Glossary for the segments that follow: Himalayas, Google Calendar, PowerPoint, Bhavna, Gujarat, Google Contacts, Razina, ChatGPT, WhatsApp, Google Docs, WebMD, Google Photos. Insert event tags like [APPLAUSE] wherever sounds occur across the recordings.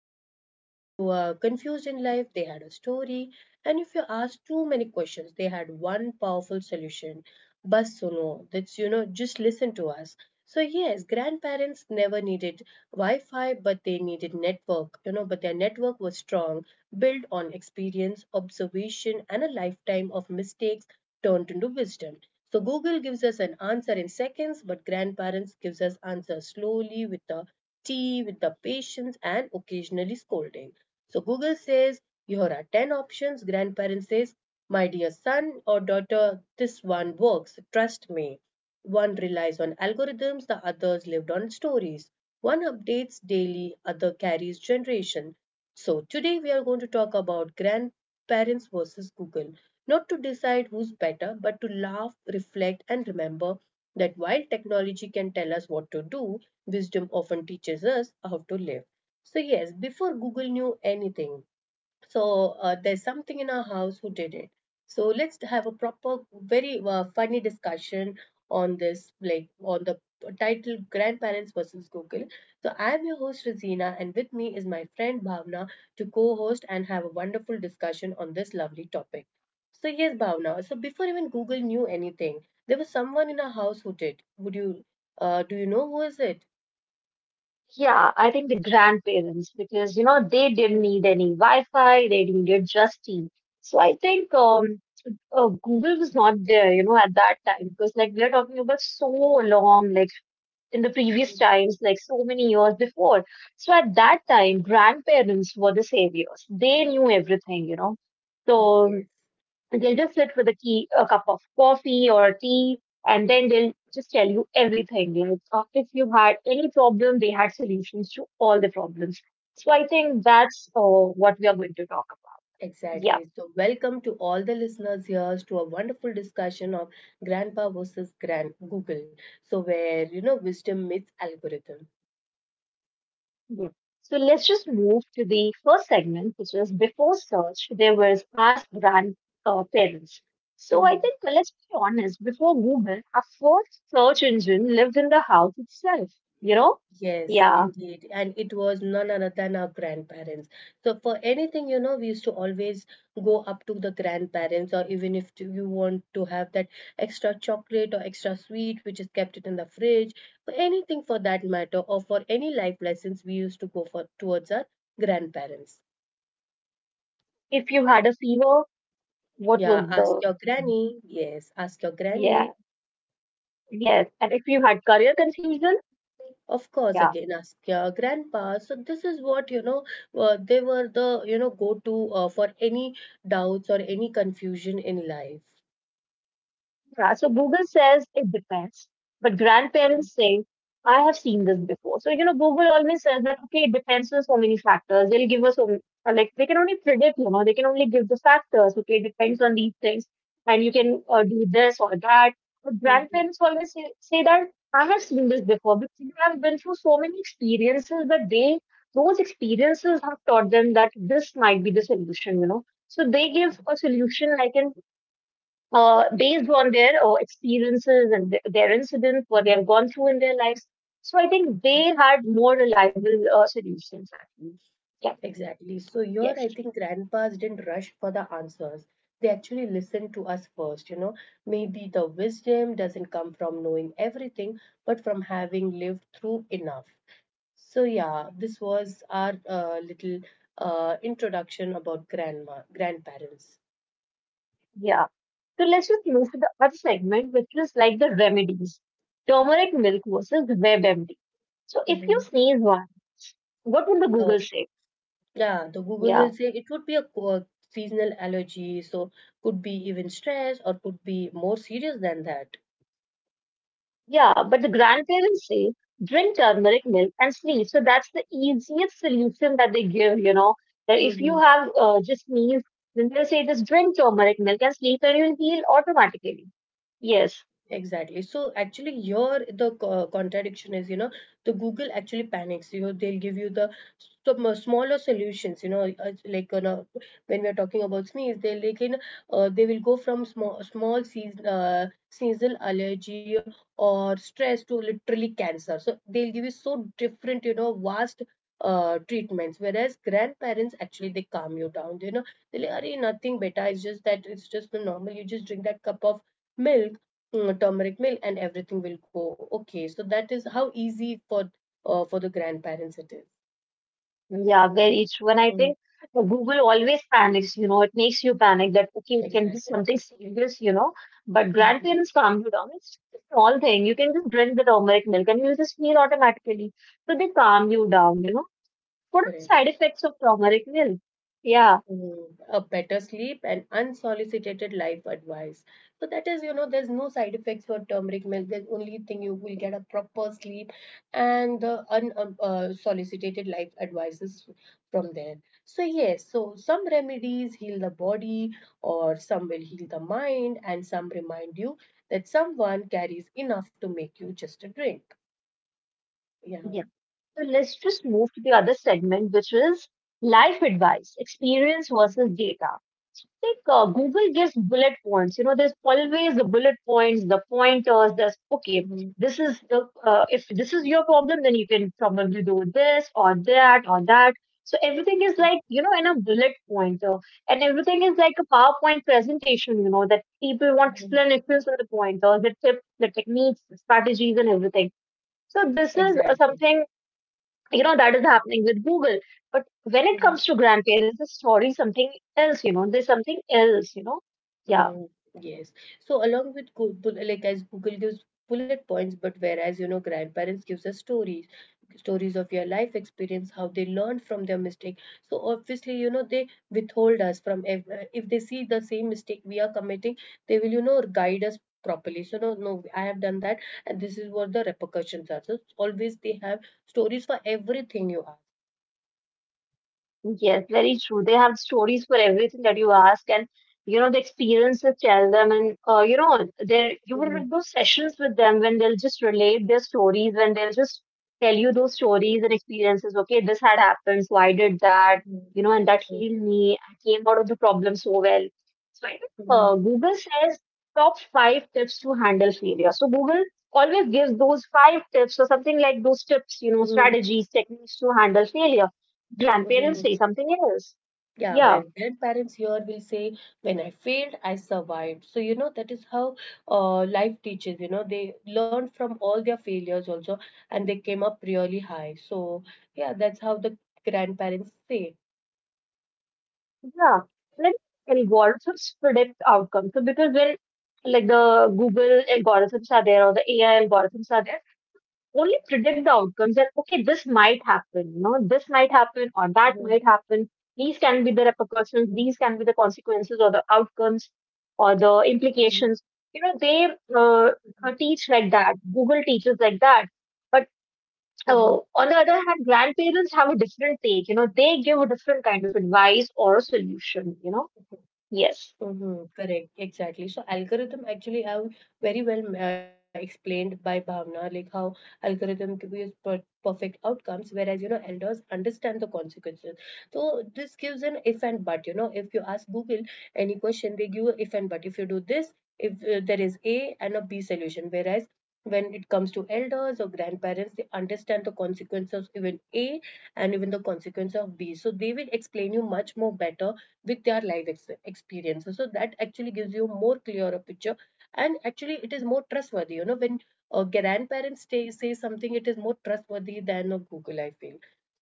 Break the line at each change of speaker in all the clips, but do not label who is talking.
haldi. If you are confused in life, they had a story. And if you ask too many questions, they had one powerful solution. Bas suno. That's just listen to us. So yes, grandparents never needed Wi-Fi, but they needed network. But their network was strong, built on experience, observation, and a lifetime of mistakes turned into wisdom. So Google gives us an answer in seconds, but grandparents gives us answer slowly with the tea, with the patience, and occasionally scolding. So Google says, here are 10 options. Grandparents says, my dear son or daughter, this one works. Trust me. One relies on algorithms, the others lived on stories. One updates daily, other carries generation. So today we are going to talk about grandparents versus Google. Not to decide who's better, but to laugh, reflect, and remember that while technology can tell us what to do, wisdom often teaches us how to live. So, yes, before Google knew anything, there's something in our house who did it. So let's have a proper, very funny discussion on this, like on the title Grandparents versus Google. So I'm your host Razina, and with me is my friend Bhavna to co-host and have a wonderful discussion on this lovely topic. So yes, Bhavna. So before even Google knew anything, there was someone in our house who did. Would you? Do you know who is it?
Yeah, I think the grandparents, because you know they didn't
Mm,
need any Wi-Fi, they needed just tea. So I think Google was not there, you know, at that time
mm,
because like we are talking about so long, like in the previous
mm,
times, like so many years before. So at that time, grandparents were the saviors. They knew everything, you know.
mm.
So
Yes.
and they'll just sit with a key, a cup of coffee or tea, and then they'll just tell you everything. Like if you had any problem, they had solutions to all the problems. So I think that's what we are going to talk about. Yeah.
Exactly. So, welcome to all the listeners here to a wonderful discussion of grandpa versus grand Google. So, where wisdom meets algorithm.
Yeah. So let's just move to the first segment, which is before search, there was ask grandparents. So I
Mhm.
think let's be honest, before Google, our first search engine lived in the house itself, you know?
Yes,
Yeah.
indeed. And it was none other than our grandparents. So, for anything, we used to always go up to the grandparents, or even if you want to have that extra chocolate or extra sweet, which is kept it in the fridge, for anything for that matter, or for any life lessons, we used to go for towards our grandparents.
If you had a fever, What
Yeah,
was
ask
the,
your granny. Yes, ask your
yeah,
granny.
yes. And if you had career confusion,
Of course,
yeah.
again, ask your grandpa. So this is what, they were the, go-to for any doubts or any confusion in life.
Yeah, so Google says it depends, but grandparents say, I have seen this before. So, you know, Google always says that, okay, it depends on so many factors. They'll give us, like, they can only predict, you know, they can only give the factors. Okay, it depends on these things, and you can do this or that. But grandparents always say that, I have seen this before because they have been through so many experiences that those experiences have taught them that this might be the solution, you know. So they give a solution like an based on their experiences and their incidents, what they have gone through in their lives. So I think they had more reliable solutions. Actually. Yeah,
Exactly. So your
yes.
I think grandpas didn't rush for the answers. They actually listened to us first. Maybe the wisdom doesn't come from knowing everything, but from having lived through enough. So yeah, this was our little introduction about grandma, grandparents.
Yeah. So let's just move to the other segment, which is like the remedies. Turmeric milk versus WebMD. So if you
Mhm.
sneeze once, what will the
Oh,
Google say?
yeah, the Google will
Yeah.
say it would be a seasonal allergy, so could be even stress or could be more serious than that.
Yeah, but the grandparents say drink turmeric milk and sleep. So that's the easiest solution that they give, you know. That if you have just meals, then they'll say just drink turmeric milk and sleep and you'll heal automatically. Yes,
Exactly. So actually, your the co- contradiction is, the Google actually panics. They'll give you the smaller solutions. When we are talking about sneeze, they'll they will go from small small seasonal allergy or stress to literally cancer. So they'll give you so different, vast treatments, whereas grandparents actually they calm you down, they're like, "Arey, nothing better, it's just the normal, you just drink that cup of milk, turmeric milk and everything will go okay." So that is how easy for the grandparents it is.
yeah, very true. And I
Mm,
think the Google always panics, you know, it makes you panic that, okay, it can be
exactly.
something serious, you know, but
Mhm.
grandparents calm you down. It's just a small thing. You can just drink the turmeric milk and you'll just heal automatically. So they calm you down, you know. What are the
Correct.
side effects of turmeric milk? Yeah.
Mm, a better sleep and unsolicited life advice. So that is, there's no side effects for turmeric milk. The only thing you will get a proper sleep and the unsolicited life advices from there. So yes, so some remedies heal the body, or some will heal the mind, and some remind you that someone carries enough to make you just a drink. Yeah.
Yeah. So let's just move to the other segment, which is life advice, experience
Mhm.
versus data. Like Google gives bullet points. You know, there's always the bullet points, the pointers. There's okay,
Mhm.
this is the if this is your problem, then you can probably do this or that or that. So everything is like you know in a bullet pointer, and everything is like a PowerPoint presentation. You know that people want
Mhm.
explanations on the pointers, the tips, the techniques, the strategies, and everything. So this is
Exactly.
something you know that is happening with Google, but when it
Mm-hmm.
comes to grandparents the story is something else, you know, there's something else, you know. Yeah.
Mm, yes. So along with like as Google gives bullet points, but whereas grandparents gives us stories of your life experience, how they learned from their mistake. So obviously they withhold us from if they see the same mistake we are committing, they will guide us properly. So no, no, I have done that, and this is what the repercussions are. So always they have stories for everything you ask.
Yes, very true. They have stories for everything that you ask, and you know the experiences tell them, and you know there you will
Hmm.
have those sessions with them when they'll just relate their stories, when they'll just tell you those stories and experiences. Okay, this had happened, so I did that,
Hmm.
you know, and that healed me. I came out of the problem so well. So I think
Hmm.
Google says top five tips to handle failure. So Google always gives those five tips or something like those tips, you know,
Hmm.
strategies, techniques to handle failure. Grandparents
Hmm.
say something else.
Yeah, well,
Yeah.
grandparents here will say, when I failed, I survived. So, that is how life teaches. They learned from all their failures also and they came up really high. So, yeah, that's how the grandparents say.
Yeah. Like algorithms predict outcomes. So because when like the Google algorithms are there or the AI algorithms are there, only predict the outcomes that okay, this might happen, you know, this might happen or that
Mhm,
might happen. These can be the
mhm,
repercussions, these can be the consequences or the outcomes or the
mhm,
implications. You know, they uh, teach like that. Google teaches like that. But So,
mhm,
on the other hand, grandparents have a different take. You know, they give a different kind of advice or a solution, you know?
mhm.
Yes.
Mm-hmm, correct, exactly. So algorithm actually have very well explained by Bhavna, like how algorithm gives perfect outcomes, whereas elders understand the consequences. So this gives an if and but. If you ask Google any question, they give a if and but. If you do this, if there is A and a B solution, whereas when it comes to elders or grandparents, they understand the consequences of even A and even the consequence of B. So they will explain you much more better with their life experiences so that actually gives you more clearer picture and actually it is more trustworthy when grandparents say something it is more trustworthy than a Google I feel.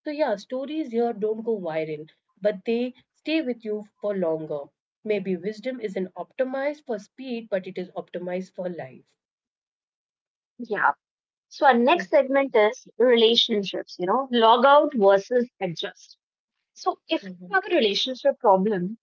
So yeah, stories here don't go viral but they stay with you for longer. Maybe wisdom isn't optimized for speed but it is optimized for life.
Yeah. So, our next segment is relationships, you know, log out versus adjust. So, if
Mhm, mhm,
you have a relationship problem,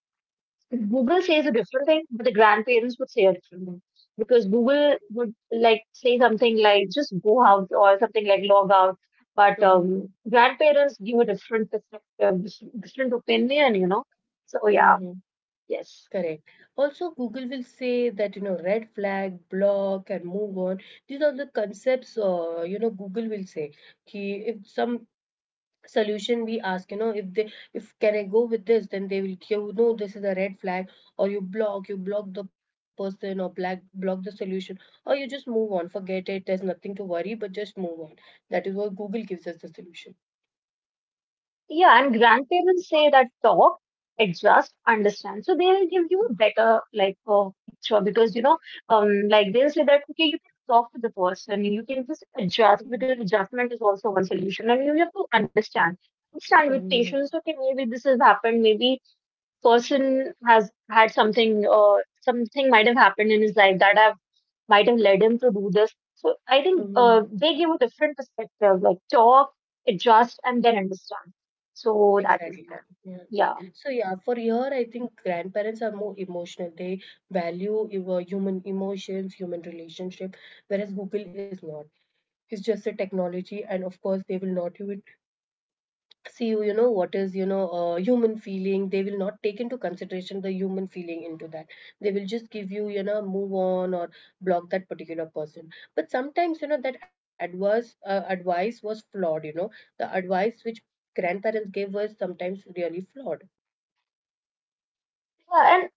Google says a different thing, but the grandparents would say a different thing. Because Google would like say something like just go out or something like log out. But
mhm,
grandparents give a different perspective, different opinion, you know? So,
mhm,
yeah.
mhm.
Yes.
Correct. Also, Google will say that, red flag, block, and move on. These are the concepts, Google will say. Ki if some solution we ask, if can I go with this, then they will, this is a red flag, or you block the person, or block the solution, or you just move on, forget it, there's nothing to worry, but just move on. That is what Google gives us the solution.
Yeah, and grandparents say that talk, adjust, understand. So they'll give you a better like picture because you know, like they'll say that okay, you can talk to the person, you can just
Mhm.
adjust because adjustment is also one solution, and you have to understand. Understand with
Mhm.
patience. Okay, maybe this has happened. Maybe person has had something, something might have happened in his life that have might have led him to do this. So I think
Mhm.
they give a different perspective, like talk, adjust, and then understand. So that is
Exactly.
them.
Yeah.
Yeah.
So yeah, for here I think grandparents are more emotional. They value your human emotions, human relationship, whereas Google is not. It's just a technology, and of course they will not, you would see you, you know what is, human feeling. They will not take into consideration the human feeling into that. They will just give you you know move on or block that particular person. But sometimes that advice was flawed. The advice which grandparents gave was sometimes really flawed.
Yeah.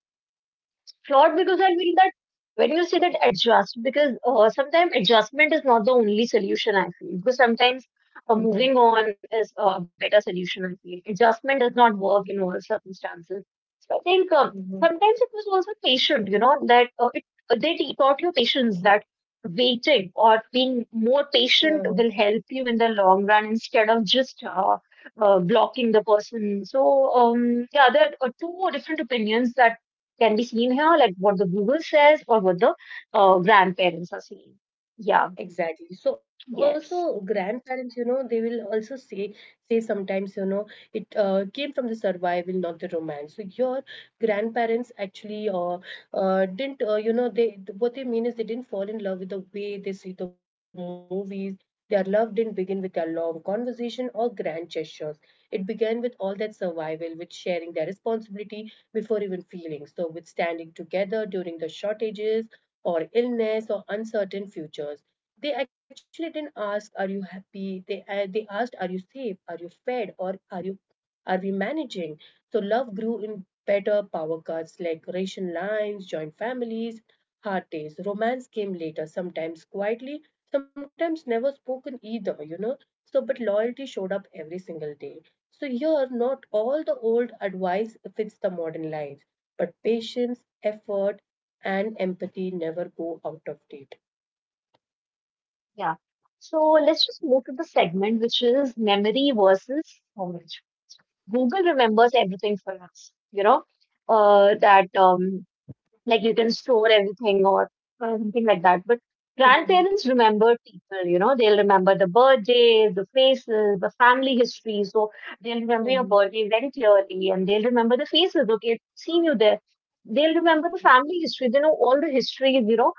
Flawed because I feel that when you say that adjust, because sometimes adjustment is not the only solution, I feel. Because sometimes
Mhm,
moving on is a better solution, I feel. Adjustment does not work in all circumstances. So I think
mhm.
sometimes it was also patient, you know, that taught you patience that waiting or being more
Uh,
patient will help you in the long run instead of just blocking the person. So, yeah, there are two different opinions that can be seen here, like what the Google says or what the grandparents are saying. Yeah,
Exactly. So also
yes.
grandparents, they will also say say sometimes, it came from the survival, not the romance. So your grandparents actually didn't, you know, they what they mean is they didn't fall in love with the way they see the movies. Their love didn't begin with their long conversation or grand gestures. It began with all that survival, with sharing their responsibility before even feelings. So with standing together during the shortages or illness or uncertain futures. They actually didn't ask, "Are you happy?" They asked, "Are you safe? Are you fed? Or are we managing?" So love grew in better power cuts like ration lines, joint families, hard days. Romance came later, sometimes quietly, sometimes never spoken either. So, but loyalty showed up every single day. So here, not all the old advice fits the modern lives, but patience, effort, and empathy never go out of date.
Yeah. So let's just move to the segment, which is memory versus knowledge. Google remembers everything for us, you know, that like you can store everything or something like that. But grandparents
Mhm,
remember people, you know, they'll remember the birthdays, the faces, the family history. So they'll remember
mhm,
your birthday very clearly and they'll remember the faces. Okay, I've seen you there. They'll remember the family history. They know all the histories, you know.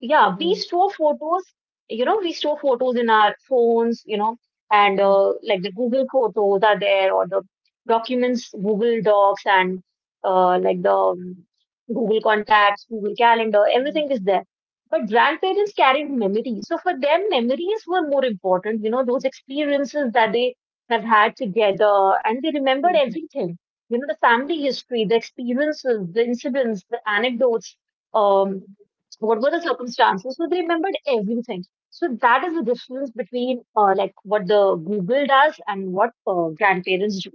Yeah, we
mhm,
store photos, you know, we store photos in our phones, you know, and
mhm,
like the Google photos are there or the documents, Google Docs and like the Google Contacts, Google Calendar,
mhm,
everything is there. But grandparents carried memories. So for them, memories were more important, you know, those experiences that they have had together and they remembered
mhm,
everything, you know, the family history, the experiences, the incidents, the anecdotes. Um,
mhm.
what were the circumstances, so they remembered everything. So that is the difference between like what the Google does and what grandparents do.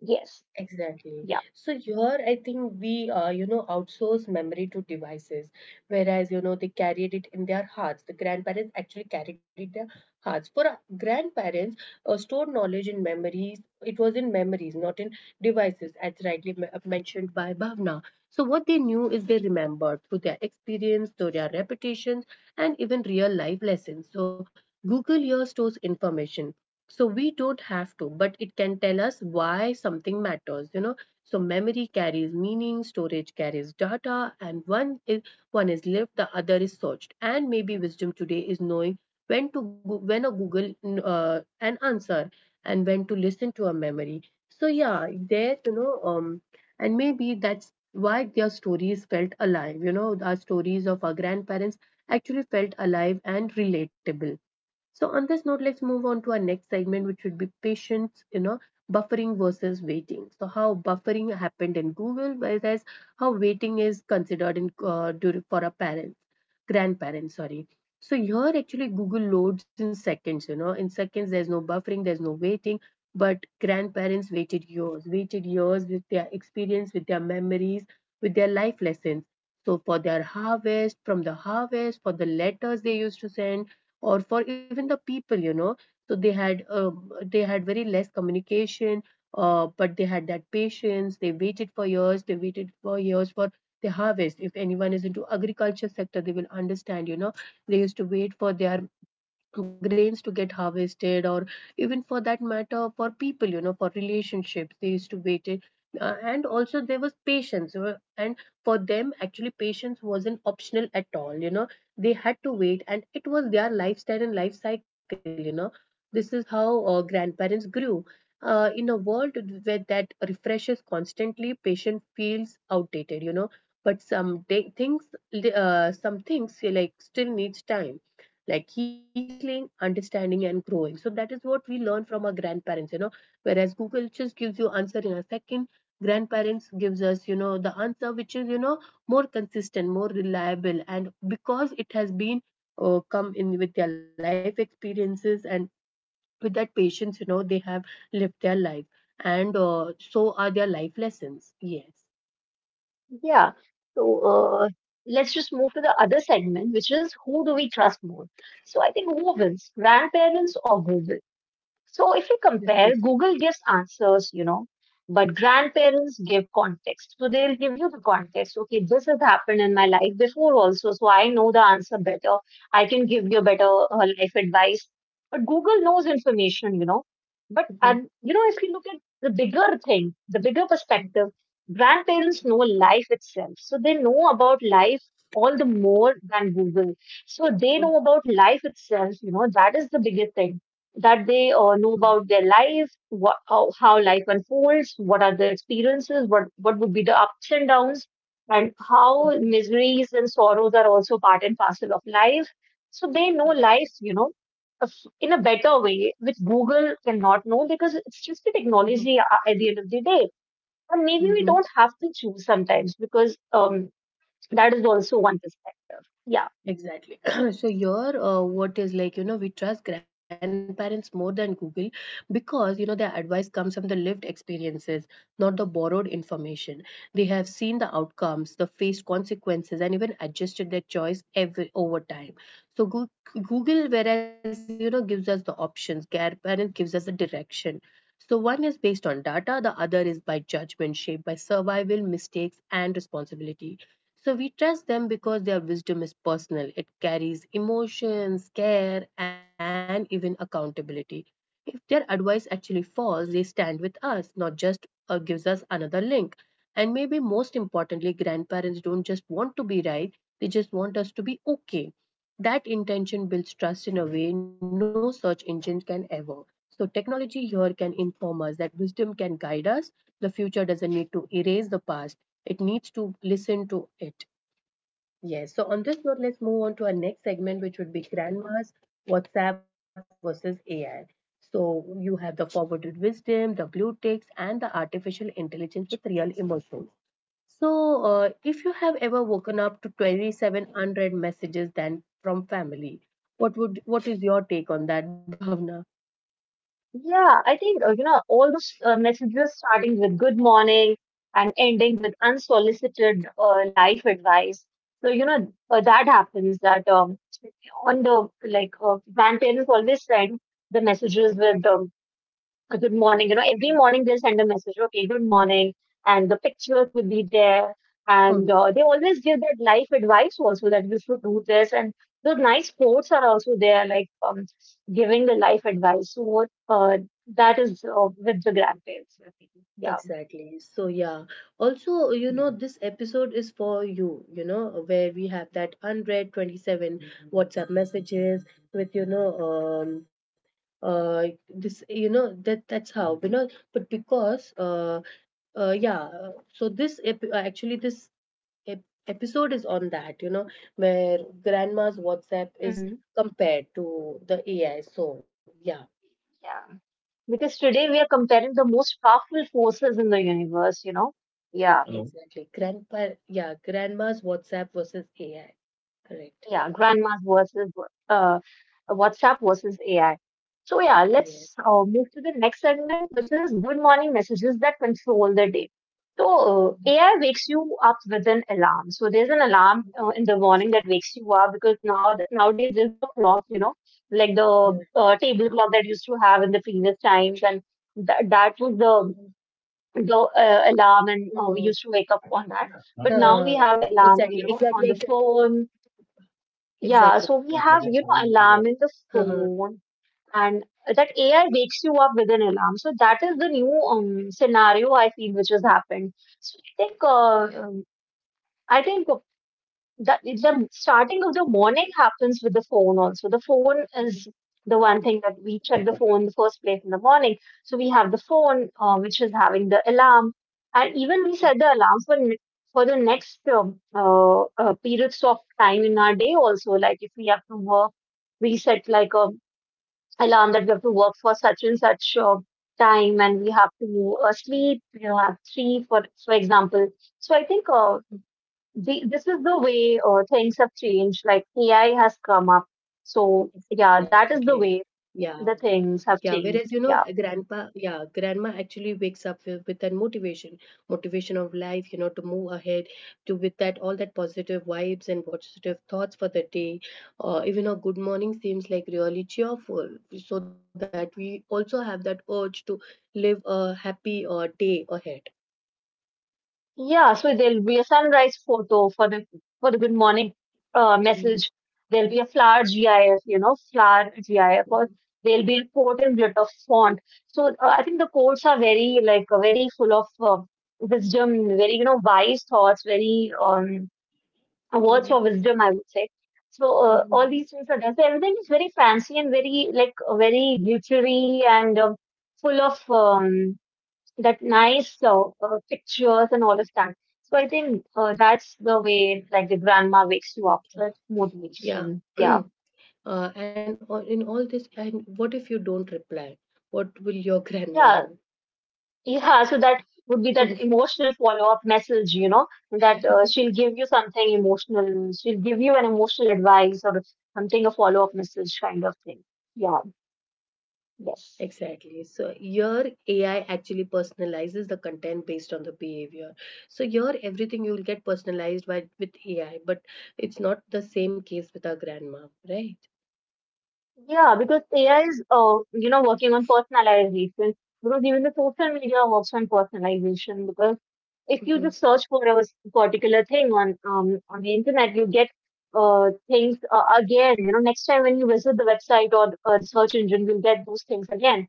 Yes.
Exactly.
Yeah.
So here, I think we outsource memory to devices, whereas, they carried it in their hearts. The grandparents actually carried it their hearts. For our grandparents, stored knowledge in memories, it was in memories, not in devices, as rightly mentioned by Bhavna. So what they knew is they remembered through their experience, through their repetitions, and even real life lessons. So Google here stores information so we don't have to but it can tell us why something matters. So memory carries meaning, storage carries data, and one is lived, the other is searched. And maybe wisdom today is knowing when a Google an answer and when to listen to a memory. So yeah, there and maybe that's why their stories felt alive, our stories of our grandparents actually felt alive and relatable. So on this note, let's move on to our next segment, which would be patience, buffering versus waiting. So how buffering happened in Google versus how waiting is considered in for a parent grandparents sorry So here actually Google loads in seconds, you know, in seconds. There's no buffering, there's no waiting. But grandparents waited years, waited years, with their experience, with their memories, with their life lessons. So for their harvest, from the harvest, for the letters they used to send, or for even the people, you know. So they had they had very less communication. But they had that patience. They waited for years, they waited for years for the harvest. If anyone is into agriculture sector, they will understand, you know, they used to wait for their grains to get harvested, or even for that matter for people, you know, for relationships, they used to wait it. And also there was patience you and for them actually patience wasn't optional at all, you know. They had to wait and it was their lifestyle and life cycle, you know. This is how grandparents grew in a world where that refreshes constantly, patient feels outdated, you know. But some day, things some things like still needs time, like healing, understanding, and growing. So that is what we learn from our grandparents, you know. Whereas Google just gives you answer in a second. Grandparents gives us, you know, the answer which is, you know, more consistent, more reliable, and because it has been come in with their life experiences and with that patience, you know, they have lived their life, and so are their life lessons. Yes,
Yeah. So uh, let's just move to the other segment, which is who do we trust more. So I think who wins, grandparents or Google? So if you
yes, yes.
compare, Google gives answers, you know, but grandparents give context. So they'll give you the context. Okay, this has happened in my life before also, so I know the answer better. I can give you better life advice. But Google knows information, you know. But
Mhm,
and you know, if you look at the bigger thing, the bigger perspective, grandparents know life itself. So they know about life all the more than Google. So they
mhm,
know about life itself, you know, that is the biggest thing that they
mhm,
know about their life, how life unfolds, what are the experiences, what would be the ups and downs, and how
mhm,
miseries and sorrows are also part and parcel of life. So they know life, you know, of- in a better way, which Google cannot know because it's just
mhm,
a
mhm,
technology at the end of the day. And maybe
mhm.
we don't have to choose sometimes because that is also one perspective. Yeah.
Exactly. [CLEARS THROAT] So your, what is like, you know, we trust grandparents more than Google because, you know, their advice comes from the lived experiences, not the borrowed information. They have seen the outcomes, the faced consequences, and even adjusted their choice every over time. So Google, whereas you know, gives us the options, Care Parent gives us the direction. So one is based on data, the other is by judgment, shaped by survival, mistakes, and responsibility. So we trust them because their wisdom is personal. It carries emotions, care, and even accountability. If their advice actually falls, they stand with us, not just gives us another link. And maybe most importantly, grandparents don't just want to be right, they just want us to be okay. That intention builds trust in a way no search engine can ever. So, technology here can inform us that wisdom can guide us. The future doesn't need to erase the past, it needs to listen to it. Yes, so on this note, let's move on to our next segment, which would be grandmas, WhatsApp versus AI. So you have the forwarded wisdom, the blue ticks, and the artificial intelligence with real emotions. So if you have ever woken up to 27 unread messages then from family, what is your take on that, Bhavna?
Yeah, I think, you know, all those messages starting with good morning and ending with unsolicited life advice. So, you know, that happens that on the, grandparents always send the messages with good morning. You know, every morning they'll send a message, okay, good morning. And the pictures will be there. And they always give that life advice also that you should do this. And those nice quotes are also there, like giving the life advice. So what that is with the grandparents. I think. Yeah.
Exactly. So, yeah. Also, you know, this episode is for you, you know, where we have that 127 WhatsApp messages with, you know, um, this, you know, that's how, you know, but because, yeah, so this, actually, this episode is on that, you know, where grandma's WhatsApp is
Hmm.
compared to the AI. So, yeah.
Yeah. Because today we are comparing the most powerful forces in the universe, you know. Yeah.
Exactly. Grandma's WhatsApp versus AI. Correct.
Yeah, grandmas versus uh, WhatsApp versus AI. So yeah,
Yes.
let's move to the next segment, which is good morning messages that control the day. So
Mhm.
AI wakes you up with an alarm. So there's an alarm in the morning that wakes you up because now nowadays there's no clock, you know, like the
Yeah.
table clock that used to have in the previous times, and that was
Mhm.
the the alarm, and
Mhm.
we used to wake up on that. But now
Uh,
we have alarm,
exactly,
you know,
exactly,
on the
exactly,
phone. Yeah,
exactly.
so we have, you know, alarm in the
Uh-huh.
phone, and that AI wakes you up with an alarm. So that is the new scenario I feel which has happened. So I think that the starting of the morning happens with the phone also. The phone
Mhm.
is the one thing that we check the phone the first place in the morning. So we have the phone, which is having the alarm, and even we set the alarm for the next periods of time in our day also. Like if we have to work, we set like a alarm that we have to work for such and such time, and we have to sleep. You know, at three for example. So I think
Mhm.
uh, the, this is the way things have changed. Like AI has come up. So yeah,
Exactly.
that is the
Yeah.
way the
Yeah,
things
whereas
have
you know, a
changed. Yeah.
grandma actually wakes up with that motivation, motivation of life, you know, to move ahead, to with that all that positive vibes and positive thoughts for the day. Or even a good morning seems like really cheerful, so that we also have that urge to live a happy day ahead.
Yeah. So there'll be a sunrise photo for the good morning
Mhm,
message. There'll be a flower GIF, you know, flower GIF,
mhm,
or there'll be an important in bit of font. So I think the quotes are very like very full of wisdom, very you know wise thoughts, very words for
mhm,
wisdom, I would say. So all
mhm.
these things are done. So everything is very fancy and very like very glittery and full of that nice pictures and all of that. So I think that's the way like the grandma wakes you up with motivation.
Yeah.
Yeah,
[CLEARS THROAT] In all this, and what if you don't reply? What will your grandma
yeah,
do?
yeah. So that would be that
[LAUGHS]
emotional follow up message, you know, that she'll give you something emotional. She'll give you an emotional advice or something a follow up message kind of thing. Yeah. Yes.
Exactly. So your AI actually personalizes the content based on the behavior. So your everything you'll get personalized by with AI, but it's not the same case with our grandma, right?
Yeah, because AI is, you know, working on personalization. Because even the social media works on personalization. Because if you
Hmm.
just search for particular thing on on the internet, you get things again. You know, next time when you visit the website or the search engine, you'll get those things again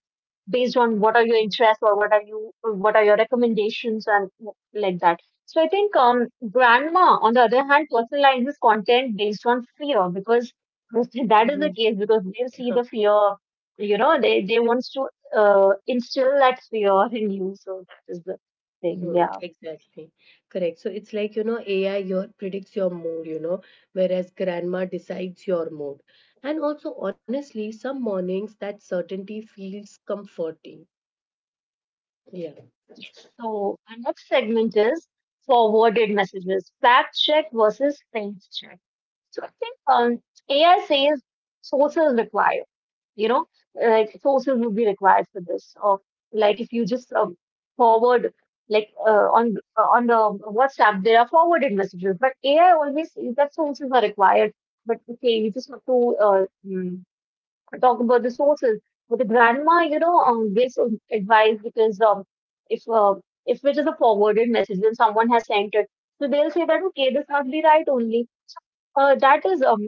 based on what are your interests or what are your recommendations and like that. So I think grandma, on the other hand, personalizes content based on fear because [LAUGHS] that is the
Hmm.
case because they see the fear, you know, they wants to instill that fear in you. So that is the thing.
Hmm. [LAUGHS]
Yeah.
Exactly. Correct. So it's like, you know, AI your predicts your mood, you know, whereas grandma decides your mood. And also honestly, some mornings that certainty feels comforting. Yeah.
So our next segment is forwarded messages, fact check versus faith check. So I think AI says sources required, you know, like sources would be required for this. Or like if you just forward, like on the WhatsApp, there are forwarded messages, but AI always says that sources are required. But okay, you just have to talk about the sources. But the grandma, you know, gives us advice because if uh, if it is a forwarded message and someone has sent it, so they'll say that okay, this must be right only. So, that is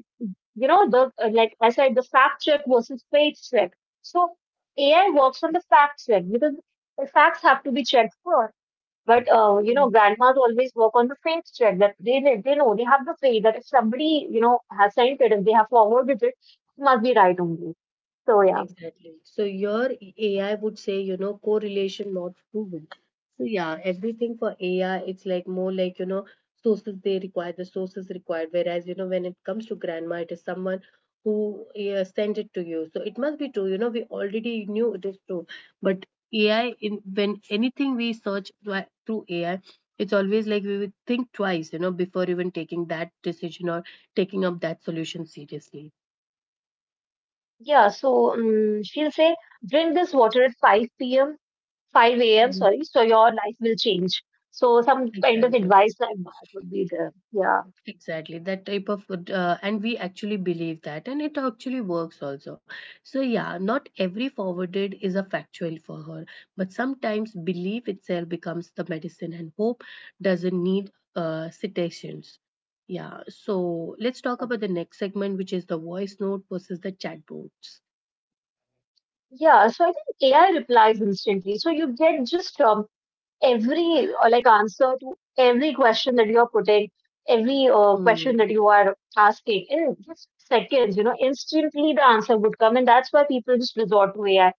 you know, the like I said, the fact check versus page check. So AI works on the fact check because the facts have to be checked first. But you know, grandmas always work on the faith check that they know they have the faith that if somebody you know has sent it and they have forwarded it, it must be right only. So yeah,
Exactly. So your AI would say, you know, correlation not proven. So yeah, everything for AI, it's like more like, you know, sources they require, the sources required. Whereas, you know, when it comes to grandma, it is someone who yeah, sent it to you. So it must be true. You know, we already knew it is true. But AI, in when anything we search through AI, it's always like we would think twice, you know, before even taking that decision or taking up that solution seriously.
yeah. So she'll say, drink this water at 5 p.m., 5 a.m.
Mhm.
Sorry, so your life will change. So some kind of
Exactly.
advice like that would be there. Yeah.
Exactly, that type of and we actually believe that, and it actually works also. So, yeah, not every forwarded is a factual for her, but sometimes belief itself becomes the medicine, and hope doesn't need citations. Yeah, so let's talk about the next segment, which is the voice note versus the chatbots.
Yeah, so I think AI replies instantly. So you get just every like answer to every question that you are putting, every question
Mm,
that you are asking in just seconds. You know, instantly the answer would come, and that's why people just resort to AI.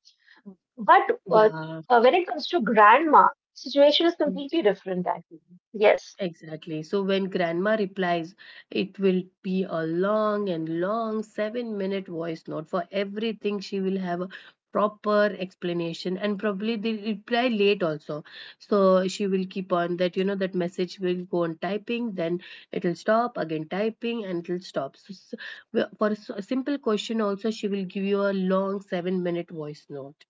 But uh,
yeah.
when it comes to grandma, situation is completely different. I feel yes.
Exactly. So when grandma replies, it will be a long and long 7 minute voice note for everything. She will have a proper explanation and probably they reply late also. So she will keep on that, you know, that message will go on typing, then it'll stop again typing and it'll stop. So, a simple question also, she will give you a long 7 minute voice note.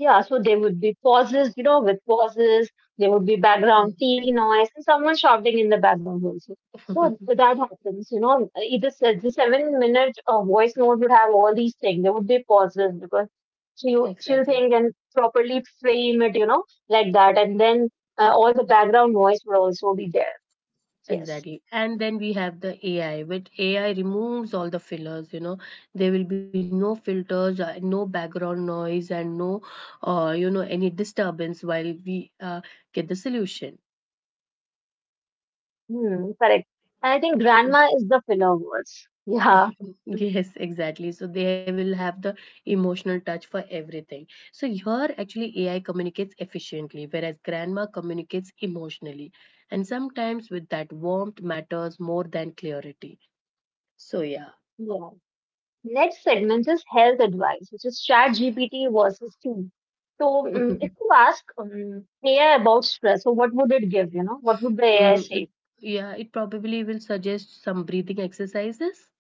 Yeah, so there would be pauses, you know, with pauses, there would be
Mm.
background TV noise and someone shouting in the background also. So so that happens, you know, either the 7 minute voice note would have all these things. There would be pauses because
[LAUGHS]
she'll
Exactly.
think and properly frame it, you know, like that, and then all the background noise would also be there. Yes,
Exactly. And then we have the AI, which AI removes all the fillers, you know. There will be no filters, no background noise, and no, you know, any disturbance while we get the solution.
hmm, correct. And I think grandma is the filler words. Yeah.
[LAUGHS]
Mm.
Yes, exactly. So they will have the emotional touch for everything. So here, actually, AI communicates efficiently, whereas grandma communicates emotionally. And sometimes with that warmth matters more than clarity. So, yeah.
Yeah. Next segment is health advice, which is chat GPT versus tea. So
[LAUGHS]
if you ask AI about stress, so what would it give? You know, what would the AI
Mm,
say?
yeah, it probably will suggest some breathing exercises.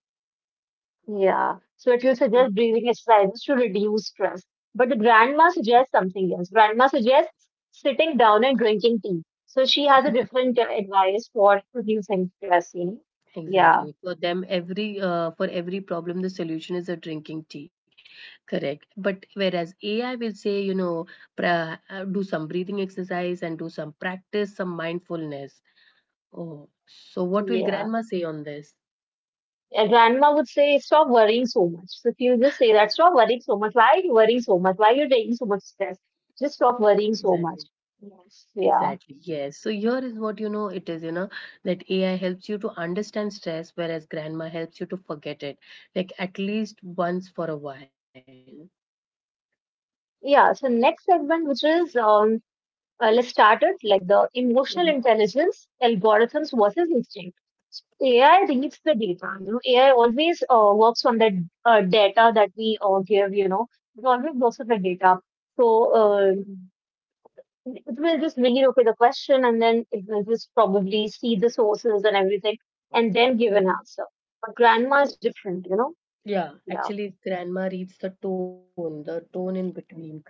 Yeah. So it will
Mm.
suggest breathing exercises to reduce stress. But the grandma suggests something else. Grandma suggests sitting down and drinking tea. So she has a different advice for reducing stress. You know? Yeah.
Exactly. For them, every for every problem, the solution is a drinking tea, correct? But whereas AI will say, you know, pra do some breathing exercise and do some practice, some mindfulness. Oh, so what will
Yeah.
grandma say on this?
Yeah, grandma would say, stop worrying so much. So if you just say that, stop worrying so much. Why are you worrying so much? Why are you taking so much stress? Just stop worrying so
Exactly.
much. Yes. Yeah.
Exactly. Yes. So here is what you know it is, you know, that AI helps you to understand stress, whereas grandma helps you to forget it, like at least once for a while.
Yeah. So next segment, which is let's start it like the
Mhm,
emotional intelligence algorithms versus instinct. AI reads the data. You know, AI always works on the data that we give. You know, it always works on the data. So
mhm,
uh. It will just bring it up with a question and then it will just probably see the sources and everything and then give an
mhm.
answer. But grandma is different, you know?
Yeah,
Yeah.
actually, grandma reads the tone in between, correct?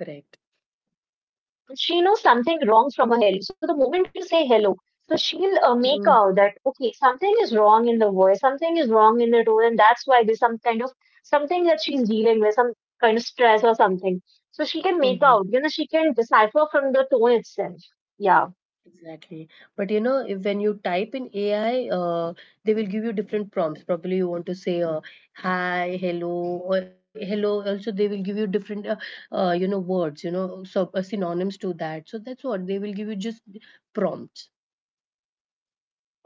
And she knows something wrong from her hello. So the moment you say hello, so she'll make
Mm-hmm.
out that, okay, something is wrong in the voice, something is wrong in the tone, and that's why there's some kind of something that she's dealing with, some kind of stress or something. So she can
Mm-hmm.
make out, you know, she can decipher from the tone itself. Yeah.
Exactly. But you know, if, when you type in AI, they will give you different prompts. Probably you want to say hi, hello, or hello. Also, they will give you different, you know, words, you know, so, synonyms to that. So that's what they will give you just prompts.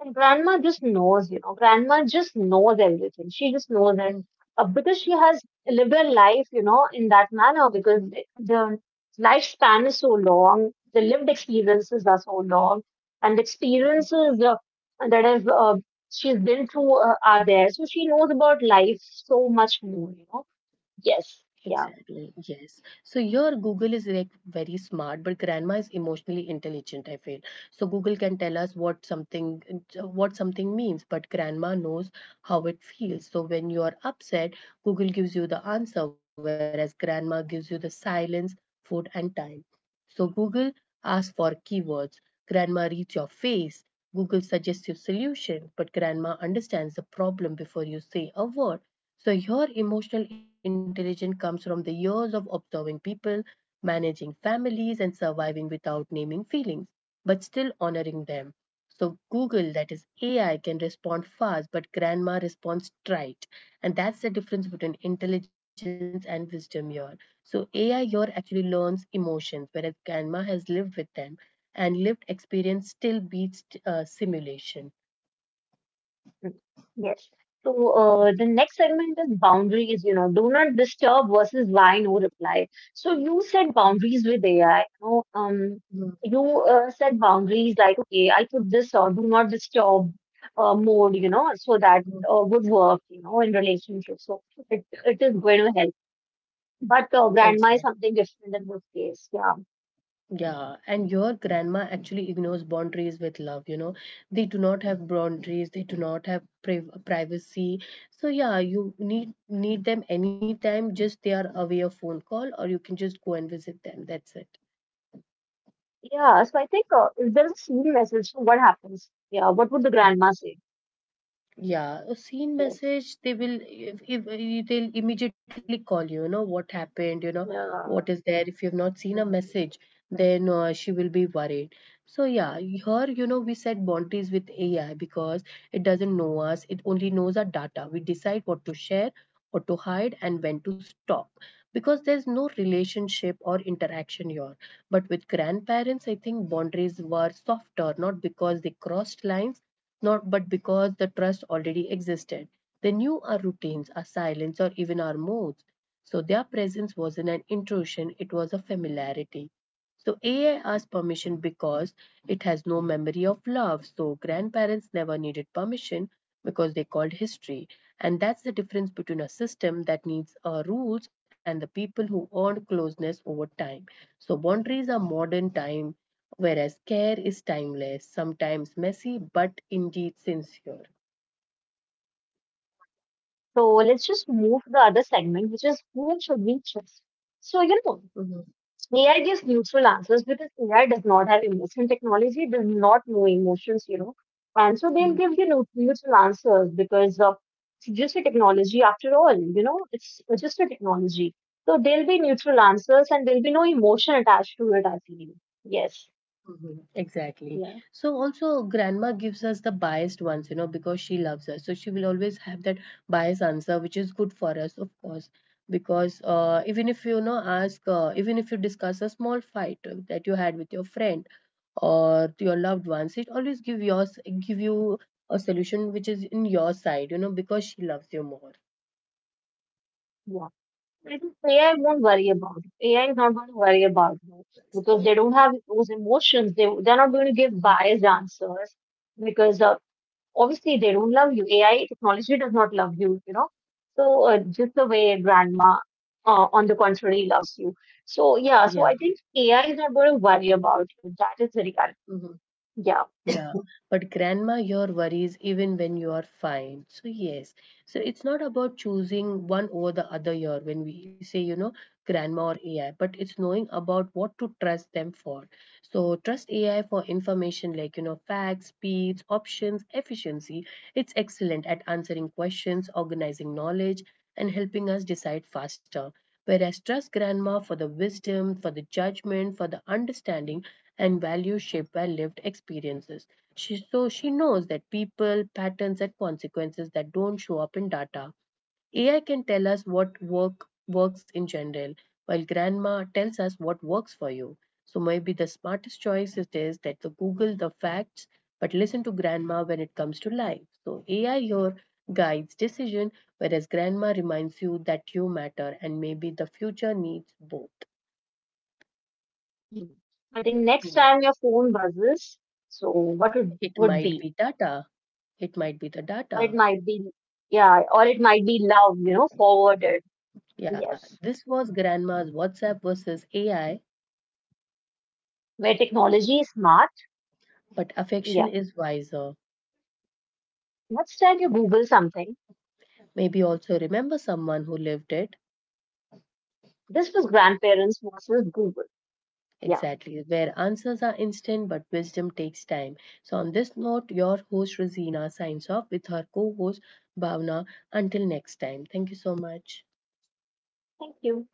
And grandma just knows, you know, grandma just knows everything. She just knows
Mhm.
that because she has lived her life, you know, in that manner because the lifespan is so long, the lived experiences are so long, and the experiences that have she's been through are there. So she knows about life so much more, you know. Yes, yeah.
Exactly, yes. So your Google is like very smart, but grandma is emotionally intelligent, I feel. So Google can tell us what something means, but grandma knows how it feels. So when you are upset, Google gives you the answer, whereas grandma gives you the silence, food, and time. So Google asks for keywords. Grandma reads your face. Google suggests you solution, but grandma understands the problem before you say a word. So, your emotional intelligence comes from the years of observing people, managing families, and surviving without naming feelings, but still honoring them. So, Google, that is AI, can respond fast, but grandma responds trite. And that's the difference between intelligence and wisdom here. So, AI here actually learns emotions, whereas grandma has lived with them, and lived experience still beats simulation.
Mm. Yes. So the next segment is boundaries, you know, do not disturb versus why no reply. So you set boundaries with AI. You know,
Mhm.
you set boundaries like, okay, I put this or do not disturb mode, you know, so that would work, you know, in relationships. So it is going to help. But
Exactly.
grandma is something different in this case. Yeah.
Yeah, and your grandma actually ignores boundaries with love, you know. They do not have boundaries, they do not have privacy. So yeah, you need them anytime, just they are away a phone call or you can just go and visit them. That's it.
Yeah. So I think if there's a scene message, so what happens? Yeah. What would the grandma say?
Yeah, a seen
Yeah.
message, they will if you- they'll immediately call you, you know, what happened, you know, what
Yeah.
is there. If you've not seen a message, then she will be worried. So yeah, here, you know, we set boundaries with AI because it doesn't know us. It only knows our data. We decide what to share, what to hide, and when to stop because there's no relationship or interaction here. But with grandparents, I think boundaries were softer, not because they crossed lines, not but because the trust already existed. They knew our routines, our silence, or even our moods. So their presence wasn't an intrusion, it was a familiarity. So AI asked permission because it has no memory of love. So grandparents never needed permission because they called history. And that's the difference between a system that needs rules and the people who earned closeness over time. So boundaries are modern time, whereas care is timeless, sometimes messy, but indeed sincere.
So let's just move to the other segment, which is whom should we trust? So, you know,
Mhm.
AI gives neutral answers because AI does not have emotion. Technology does not know emotions, you know. And so they'll give you neutral answers because it's just a technology after all, you know, it's just a technology. So there'll be neutral answers and there'll be no emotion attached to it, I feel. Yes.
Mhm. Exactly.
Yeah.
So also grandma gives us the biased ones, you know, because she loves us. So she will always have that biased answer, which is good for us, of course. Because even if you, you know ask, even if you discuss a small fight that you had with your friend, or to your loved ones it always give yours give you a solution which is in your side, you know, because she loves you more.
Yeah. I think AI won't worry about it. AI is not going to worry about it because they don't have those emotions. They're not going to give
Mhm.
biased answers because obviously they don't love you. AI technology does not love you, you know. So just the way a grandma, on the contrary, loves you. So yeah,
Yeah.
so I think AI is not going to worry about you. That is the reality.
Mhm.
Yeah.
Yeah, but grandma your worries even when you are fine. So yes, so it's not about choosing one over the other year when we say you know grandma or AI, but it's knowing about what to trust them for. So trust AI for information like you know facts, speeds, options, efficiency. It's excellent at answering questions, organizing knowledge, and helping us decide faster. Whereas trust grandma for the wisdom, for the judgment, for the understanding and value shaped by lived experiences. She, so she knows that people, patterns, and consequences that don't show up in data. AI can tell us what work works in general, while grandma tells us what works for you. So maybe the smartest choice it is that the Google the facts, but listen to grandma when it comes to life. So AI here guides decision, whereas grandma reminds you that you matter, and maybe the future needs both.
Hmm. I think next
Yeah,
time your phone buzzes, so what
it
would
might
be?
be data. It might be the
Or it
data.
might be, yeah, or it might be love, you know, forwarded.
Yeah,
Yes.
this was grandma's WhatsApp versus AI,
Where technology is smart.
but affection
Yeah.
is wiser.
Next time you Google something,
Maybe also remember someone who lived it.
this was grandparents versus Google. Yeah.
Exactly, where answers are instant but wisdom takes time. So, on this note, your host Rosina signs off with her co host Bhavna. Until next time, thank you so much.
Thank you.